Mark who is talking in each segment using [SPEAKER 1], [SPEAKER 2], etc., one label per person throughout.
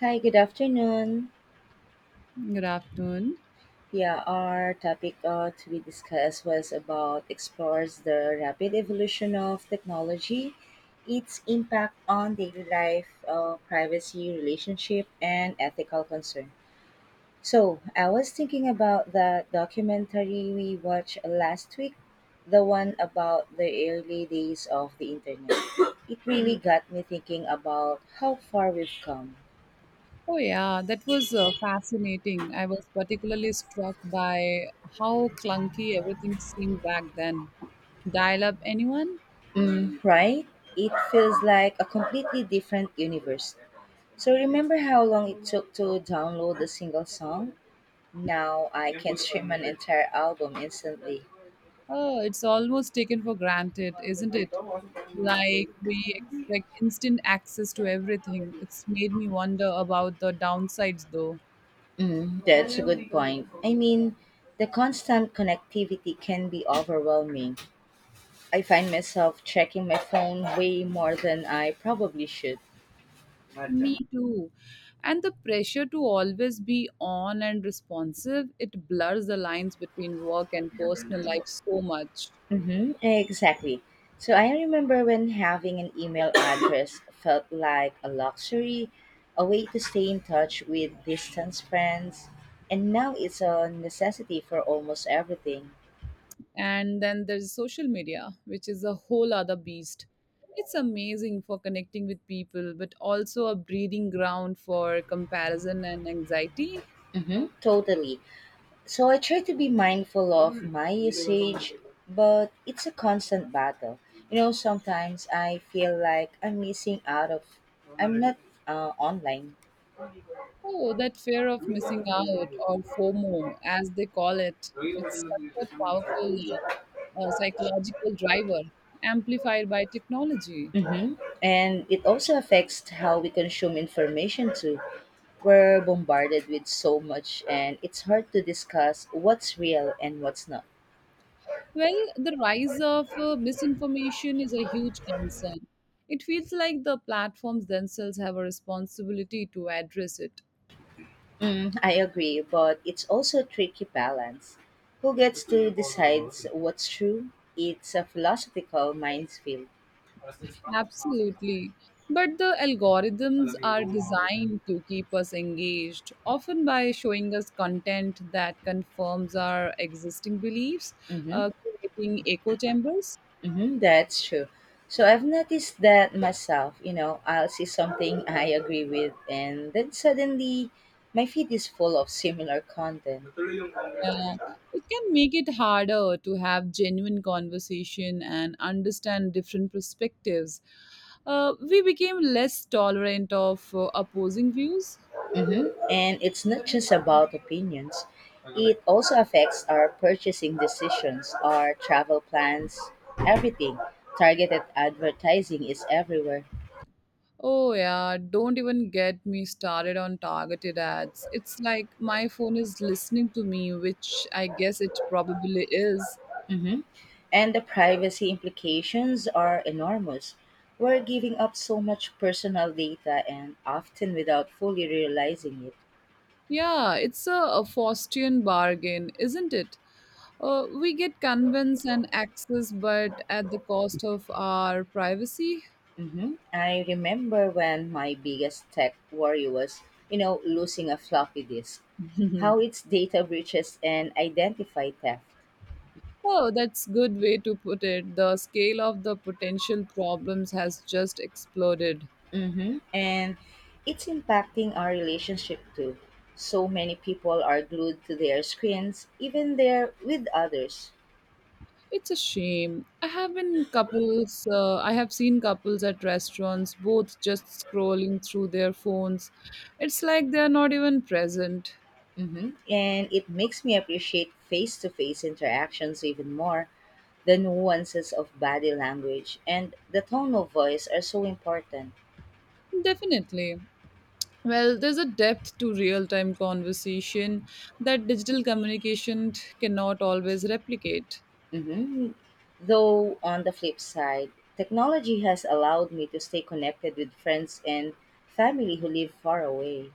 [SPEAKER 1] Hi, good afternoon.
[SPEAKER 2] Good afternoon.
[SPEAKER 1] Yeah, our topic to be discussed was about explores the rapid evolution of technology, its impact on daily life, privacy, relationship, and ethical concern. So I was thinking about the documentary we watched last week, the one about the early days of the internet. It really got me thinking about how far we've come.
[SPEAKER 2] Oh, yeah, that was fascinating. I was particularly struck by how clunky everything seemed back then. Dial up anyone?
[SPEAKER 1] Mm, right? It feels like a completely different universe. So remember how long it took to download a single song? Now I can stream an entire album instantly.
[SPEAKER 2] Oh, it's almost taken for granted, isn't it? Like we expect instant access to everything. It's made me wonder about the downsides, though.
[SPEAKER 1] Mm, that's a good point. I mean, the constant connectivity can be overwhelming. I find myself checking my phone way more than I probably should.
[SPEAKER 2] Me too. And the pressure to always be on and responsive, it blurs the lines between work and personal life so much.
[SPEAKER 1] Mm-hmm, exactly. So I remember when having an email address felt like a luxury, a way to stay in touch with distant friends, and now it's a necessity for almost everything.
[SPEAKER 2] And then there's social media, which is a whole other beast. It's amazing for connecting with people, but also a breeding ground for comparison and anxiety.
[SPEAKER 1] Hmm. Totally. So I try to be mindful of my usage, but it's a constant battle. You know, sometimes I feel like I'm missing out of I'm not online.
[SPEAKER 2] Oh, that fear of missing out, or FOMO, as they call it. It's such a powerful psychological driver, amplified by technology.
[SPEAKER 1] Hmm. And it also affects how we consume information too. We're bombarded with so much, and it's hard to discuss what's real and what's not.
[SPEAKER 2] Well, the rise of misinformation is a huge concern. It feels like the platforms themselves have a responsibility to address it.
[SPEAKER 1] Mm, I agree, but it's also a tricky balance. Who gets to decide what's true? It's a philosophical minefield.
[SPEAKER 2] Absolutely. But the algorithms are designed to keep us engaged, often by showing us content that confirms our existing beliefs,
[SPEAKER 1] Mhm.
[SPEAKER 2] creating echo chambers.
[SPEAKER 1] Hmm, that's true. So I've noticed that myself, you know, I'll see something I agree with and then suddenly my feed is full of similar content.
[SPEAKER 2] Uh, it can make it harder to have genuine conversation and understand different perspectives. We became less tolerant of opposing views.
[SPEAKER 1] And it's not just about opinions. It also affects our purchasing decisions, our travel plans, everything. Targeted advertising is everywhere.
[SPEAKER 2] Oh yeah, don't even get me started on targeted ads. It's like my phone is listening to me, which I guess it probably is.
[SPEAKER 1] Mhm. And the privacy implications are enormous. We're giving up so much personal data and often without fully realizing it.
[SPEAKER 2] Yeah, it's a Faustian bargain, isn't it? We get convenience and access, but at the cost of our privacy.
[SPEAKER 1] Hmm. I remember when my biggest tech worry was, you know, losing a floppy disk, how it's data breaches and identify theft.
[SPEAKER 2] Oh, that's good way to put it. The scale of the potential problems has just exploded.
[SPEAKER 1] Hmm. And it's impacting our relationship too. So many people are glued to their screens, even there with others.
[SPEAKER 2] It's a shame. I have seen couples at restaurants, both just scrolling through their phones. It's like they're not even present.
[SPEAKER 1] Mhm. And it makes me appreciate face to face interactions even more. The nuances of body language and the tone of voice are so important.
[SPEAKER 2] Definitely. Well, there's a depth to real time conversation that digital communication cannot always replicate.
[SPEAKER 1] Hmm. Though, on the flip side, technology has allowed me to stay connected with friends and family who live far away.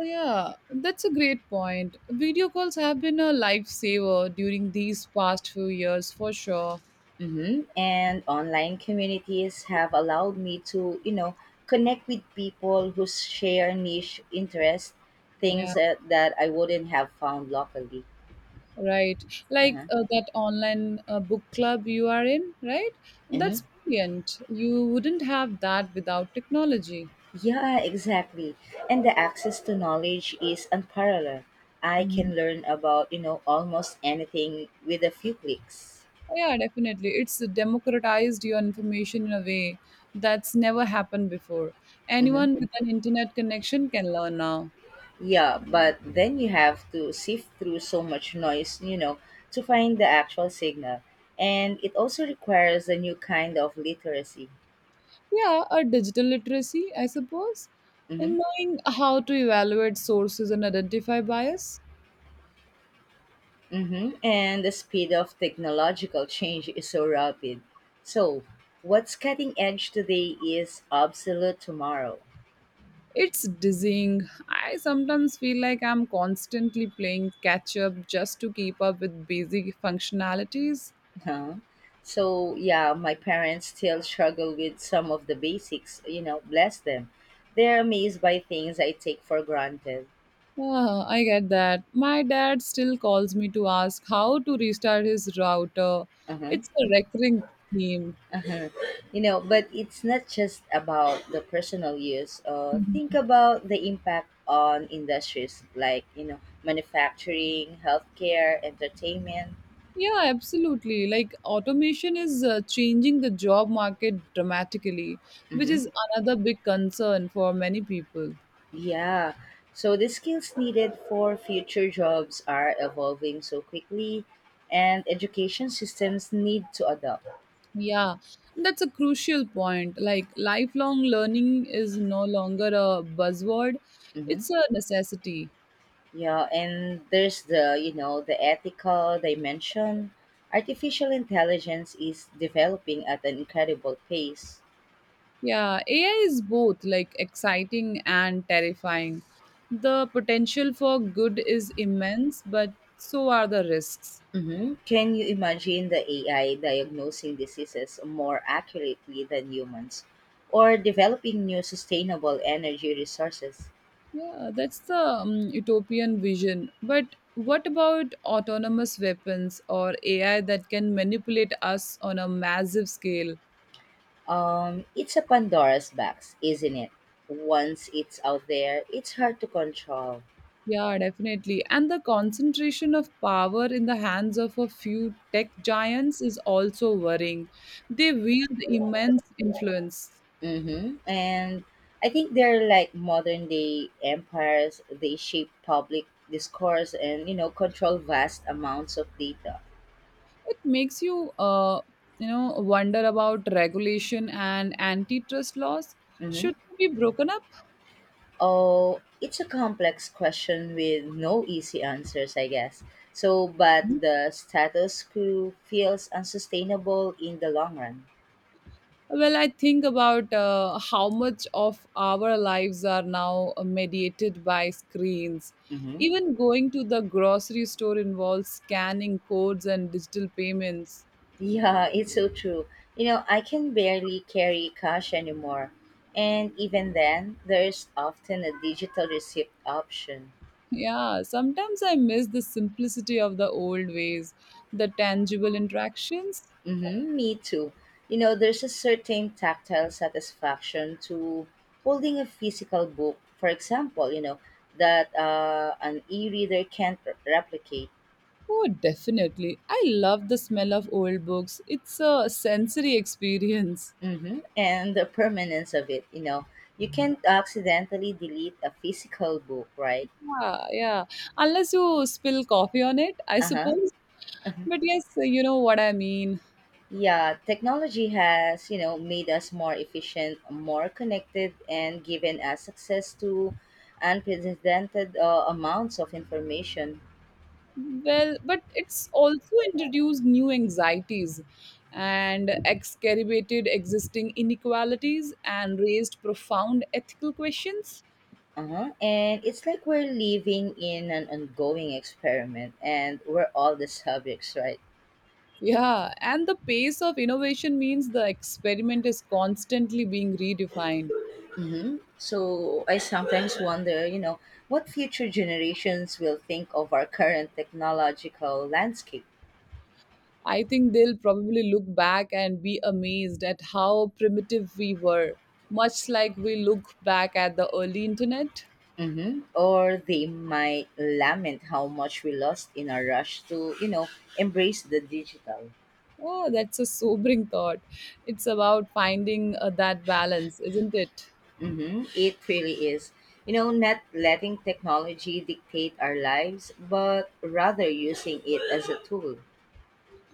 [SPEAKER 2] Yeah, that's a great point. Video calls have been a lifesaver during these past few years for sure.
[SPEAKER 1] Hmm. And online communities have allowed me to, you know, connect with people who share niche interests, things
[SPEAKER 2] Yeah.
[SPEAKER 1] that I wouldn't have found locally.
[SPEAKER 2] Right. Like
[SPEAKER 1] Uh-huh.
[SPEAKER 2] that online book club you are in, right?
[SPEAKER 1] Hmm.
[SPEAKER 2] That's brilliant. You wouldn't have that without technology.
[SPEAKER 1] Yeah, exactly. And the access to knowledge is unparalleled. I
[SPEAKER 2] Mhm.
[SPEAKER 1] can learn about, you know, almost anything with a few clicks.
[SPEAKER 2] Yeah, definitely. It's democratized your information in a way that's never happened before.
[SPEAKER 1] Hmm.
[SPEAKER 2] Anyone with an internet connection can learn now.
[SPEAKER 1] Yeah, but then you have to sift through so much noise, you know, to find the actual signal. And it also requires a new kind of literacy.
[SPEAKER 2] Yeah, a digital literacy, I suppose,
[SPEAKER 1] Hmm.
[SPEAKER 2] and knowing how to evaluate sources and identify bias.
[SPEAKER 1] Mm-hmm. And the speed of technological change is so rapid. So, what's cutting edge today is obsolete tomorrow.
[SPEAKER 2] It's dizzying. I sometimes feel like I'm constantly playing catch up just to keep up with basic functionalities.
[SPEAKER 1] Huh? So yeah, my parents still struggle with some of the basics. You know, bless them. They're amazed by things I take for granted.
[SPEAKER 2] Ah, I get that. My dad still calls me to ask how to restart his router.
[SPEAKER 1] Uh-huh.
[SPEAKER 2] It's a recurring theme.
[SPEAKER 1] Uh-huh. You know, but it's not just about the personal use. Think about the impact on industries like, you know, manufacturing, healthcare, entertainment.
[SPEAKER 2] Yeah, absolutely. Like automation is changing the job market dramatically, which
[SPEAKER 1] Mhm.
[SPEAKER 2] is another big concern for many people.
[SPEAKER 1] Yeah. So the skills needed for future jobs are evolving so quickly, and education systems need to adapt.
[SPEAKER 2] Yeah, that's a crucial point. Like, lifelong learning is no longer a buzzword,
[SPEAKER 1] Hmm.
[SPEAKER 2] it's a necessity.
[SPEAKER 1] Yeah, and there's the, you know, the ethical dimension. Artificial intelligence is developing at an incredible pace.
[SPEAKER 2] Yeah, AI is both like exciting and terrifying. The potential for good is immense, but so are the risks.
[SPEAKER 1] Hmm. Can you imagine the AI diagnosing diseases more accurately than humans, or developing new sustainable energy resources?
[SPEAKER 2] Yeah, that's the utopian vision. But what about autonomous weapons or AI that can manipulate us on a massive scale?
[SPEAKER 1] It's a Pandora's box, isn't it? Once it's out there, it's hard to control.
[SPEAKER 2] Yeah, definitely. And the concentration of power in the hands of a few tech giants is also worrying. They wield immense influence.
[SPEAKER 1] Mm-hmm. And I think they're like modern day empires. They shape public discourse and, you know, control vast amounts of data.
[SPEAKER 2] It makes you, wonder about regulation and antitrust laws.
[SPEAKER 1] Mm-hmm.
[SPEAKER 2] Should they be broken up?
[SPEAKER 1] Oh, it's a complex question with no easy answers, I guess. So, but
[SPEAKER 2] Mhm.
[SPEAKER 1] the status quo feels unsustainable in the long run.
[SPEAKER 2] Well, I think about how much of our lives are now mediated by screens.
[SPEAKER 1] Mhm.
[SPEAKER 2] Even going to the grocery store involves scanning codes and digital payments.
[SPEAKER 1] Yeah, it's so true. You know, I can barely carry cash anymore. And even then, there's often a digital receipt option.
[SPEAKER 2] Yeah, sometimes I miss the simplicity of the old ways, the tangible interactions.
[SPEAKER 1] Mm-hmm, me too. You know, there's a certain tactile satisfaction to holding a physical book, for example, you know, that an e reader can't replicate.
[SPEAKER 2] Oh, definitely. I love the smell of old books. It's a sensory experience.
[SPEAKER 1] Mm-hmm, and the permanence of it, you know, you can't accidentally delete a physical book, right?
[SPEAKER 2] Yeah, yeah. Unless you spill coffee on it, I
[SPEAKER 1] Uh
[SPEAKER 2] suppose.
[SPEAKER 1] huh.
[SPEAKER 2] But yes, you know what I mean.
[SPEAKER 1] Yeah, technology has, you know, made us more efficient, more connected, and given us access to unprecedented amounts of information.
[SPEAKER 2] Well, but it's also introduced new anxieties and exacerbated existing inequalities and raised profound ethical questions.
[SPEAKER 1] Uh-huh. And it's like we're living in an ongoing experiment, and we're all the subjects, right?
[SPEAKER 2] Yeah, and the pace of innovation means the experiment is constantly being redefined.
[SPEAKER 1] Mm-hmm. So I sometimes wonder, you know, what future generations will think of our current technological landscape.
[SPEAKER 2] I think they'll probably look back and be amazed at how primitive we were, much like we look back at the early internet.
[SPEAKER 1] Hmm. Or they might lament how much we lost in our rush to, you know, embrace the digital.
[SPEAKER 2] Oh, that's a sobering thought. It's about finding that balance, isn't it?
[SPEAKER 1] Hmm. It really is. You know, not letting technology dictate our lives, but rather using it as a tool.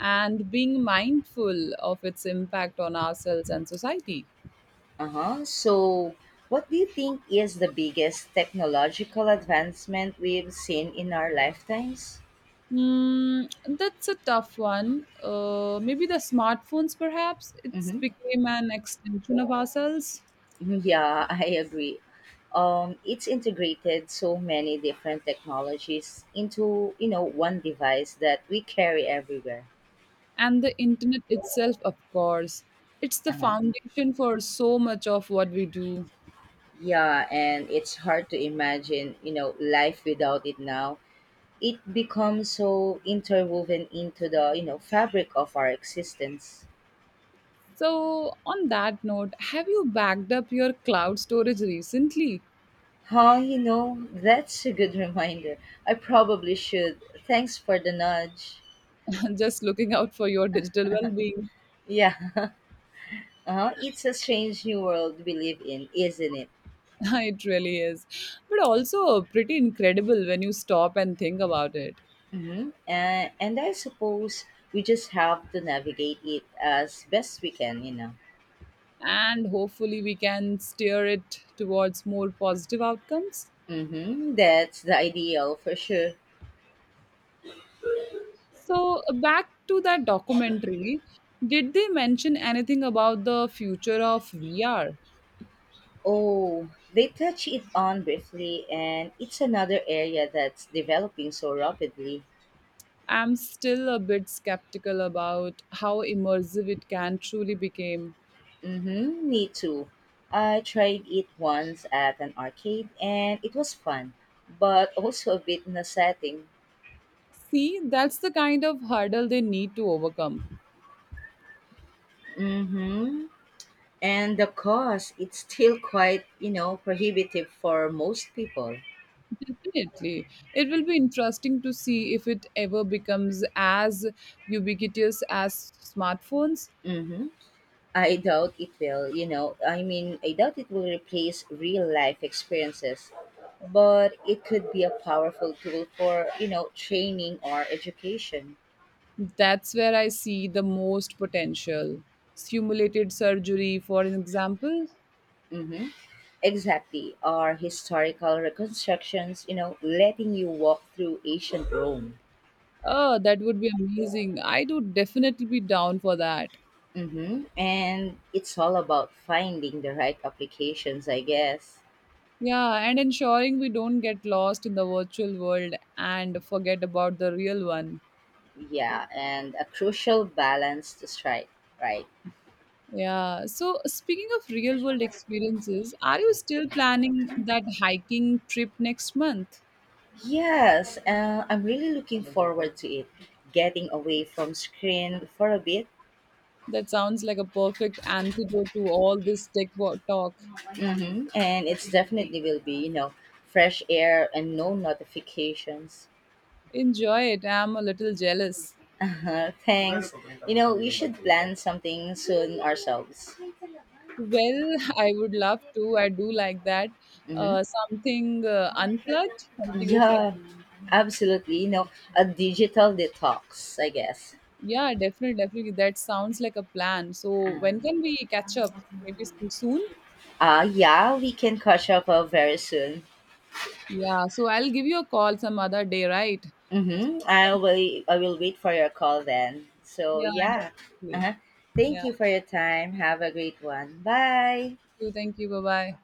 [SPEAKER 2] And being mindful of its impact on ourselves and society.
[SPEAKER 1] Uh huh. So, what do you think is the biggest technological advancement we've seen in our lifetimes?
[SPEAKER 2] Mm, that's a tough one. Maybe the smartphones, perhaps. It's
[SPEAKER 1] Mm-hmm.
[SPEAKER 2] became an extension of ourselves.
[SPEAKER 1] Yeah, I agree. It's integrated so many different technologies into, you know, one device that we carry everywhere.
[SPEAKER 2] And the internet itself, of course. It's the
[SPEAKER 1] Uh-huh.
[SPEAKER 2] foundation for so much of what we do.
[SPEAKER 1] Yeah, and it's hard to imagine, you know, life without it now. It becomes so interwoven into the, you know, fabric of our existence.
[SPEAKER 2] So, on that note, have you backed up your cloud storage recently?
[SPEAKER 1] Huh, you know that's a good reminder. I probably should. Thanks for the nudge.
[SPEAKER 2] Just looking out for your digital well being.
[SPEAKER 1] Yeah, uh-huh. It's a strange new world we live in, isn't it?
[SPEAKER 2] It really is. But also pretty incredible when you stop and think about it.
[SPEAKER 1] Mm-hmm. And I suppose we just have to navigate it as best we can, you know.
[SPEAKER 2] And hopefully we can steer it towards more positive outcomes.
[SPEAKER 1] Mm-hmm. That's the ideal for sure.
[SPEAKER 2] So, back to that documentary, did they mention anything about the future of VR?
[SPEAKER 1] Oh, they touch it on briefly, and it's another area that's developing so rapidly.
[SPEAKER 2] I'm still a bit skeptical about how immersive it can truly become.
[SPEAKER 1] Mm-hmm. Me too. I tried it once at an arcade, and it was fun, but also a bit nauseating.
[SPEAKER 2] See, that's the kind of hurdle they need to overcome.
[SPEAKER 1] Mm-hmm. And the cost, it's still quite, you know, prohibitive for most people.
[SPEAKER 2] Definitely. It will be interesting to see if it ever becomes as ubiquitous as smartphones.
[SPEAKER 1] Mm-hmm. I doubt it will, you know. I mean, I doubt it will replace real life experiences, but it could be a powerful tool for, you know, training or education.
[SPEAKER 2] That's where I see the most potential. Simulated surgery, for an example.
[SPEAKER 1] Mm-hmm. Exactly. Or historical reconstructions, you know, letting you walk through ancient Rome.
[SPEAKER 2] Oh, that would be amazing. I would definitely be down for that.
[SPEAKER 1] Mm-hmm. And it's all about finding the right applications, I guess.
[SPEAKER 2] Yeah, and ensuring we don't get lost in the virtual world and forget about the real one.
[SPEAKER 1] Yeah, and a crucial balance to strike, right?
[SPEAKER 2] Yeah, so speaking of real world experiences, are you still planning that hiking trip next month?
[SPEAKER 1] Yes, I'm really looking forward to it. Getting away from screen for a bit,
[SPEAKER 2] That sounds like a perfect antidote to all this tech wo- talk.
[SPEAKER 1] hmm and it's definitely will be, you know, fresh air and no notifications.
[SPEAKER 2] Enjoy it. I'm a little jealous.
[SPEAKER 1] Uh-huh. Thanks. You know, we should plan something soon ourselves.
[SPEAKER 2] Well, I would love to. I do like that.
[SPEAKER 1] Hmm.
[SPEAKER 2] Something unplugged, something refresh.
[SPEAKER 1] Yeah, absolutely. You know, a digital detox, I guess.
[SPEAKER 2] Yeah, definitely. That sounds like a plan. So when
[SPEAKER 1] Um,
[SPEAKER 2] can we catch up? Maybe some soon?
[SPEAKER 1] yeah, we can catch up very soon.
[SPEAKER 2] Yeah, so I'll give you a call some other day, right? So,
[SPEAKER 1] Mm-hmm.
[SPEAKER 2] we
[SPEAKER 1] I
[SPEAKER 2] can-
[SPEAKER 1] will. I will wait for your call then. So
[SPEAKER 2] yeah,
[SPEAKER 1] yeah.
[SPEAKER 2] definitely.
[SPEAKER 1] Uh-huh. Thank
[SPEAKER 2] Yeah.
[SPEAKER 1] you for your time. Have a great one. Bye.
[SPEAKER 2] Thank you. Bye bye.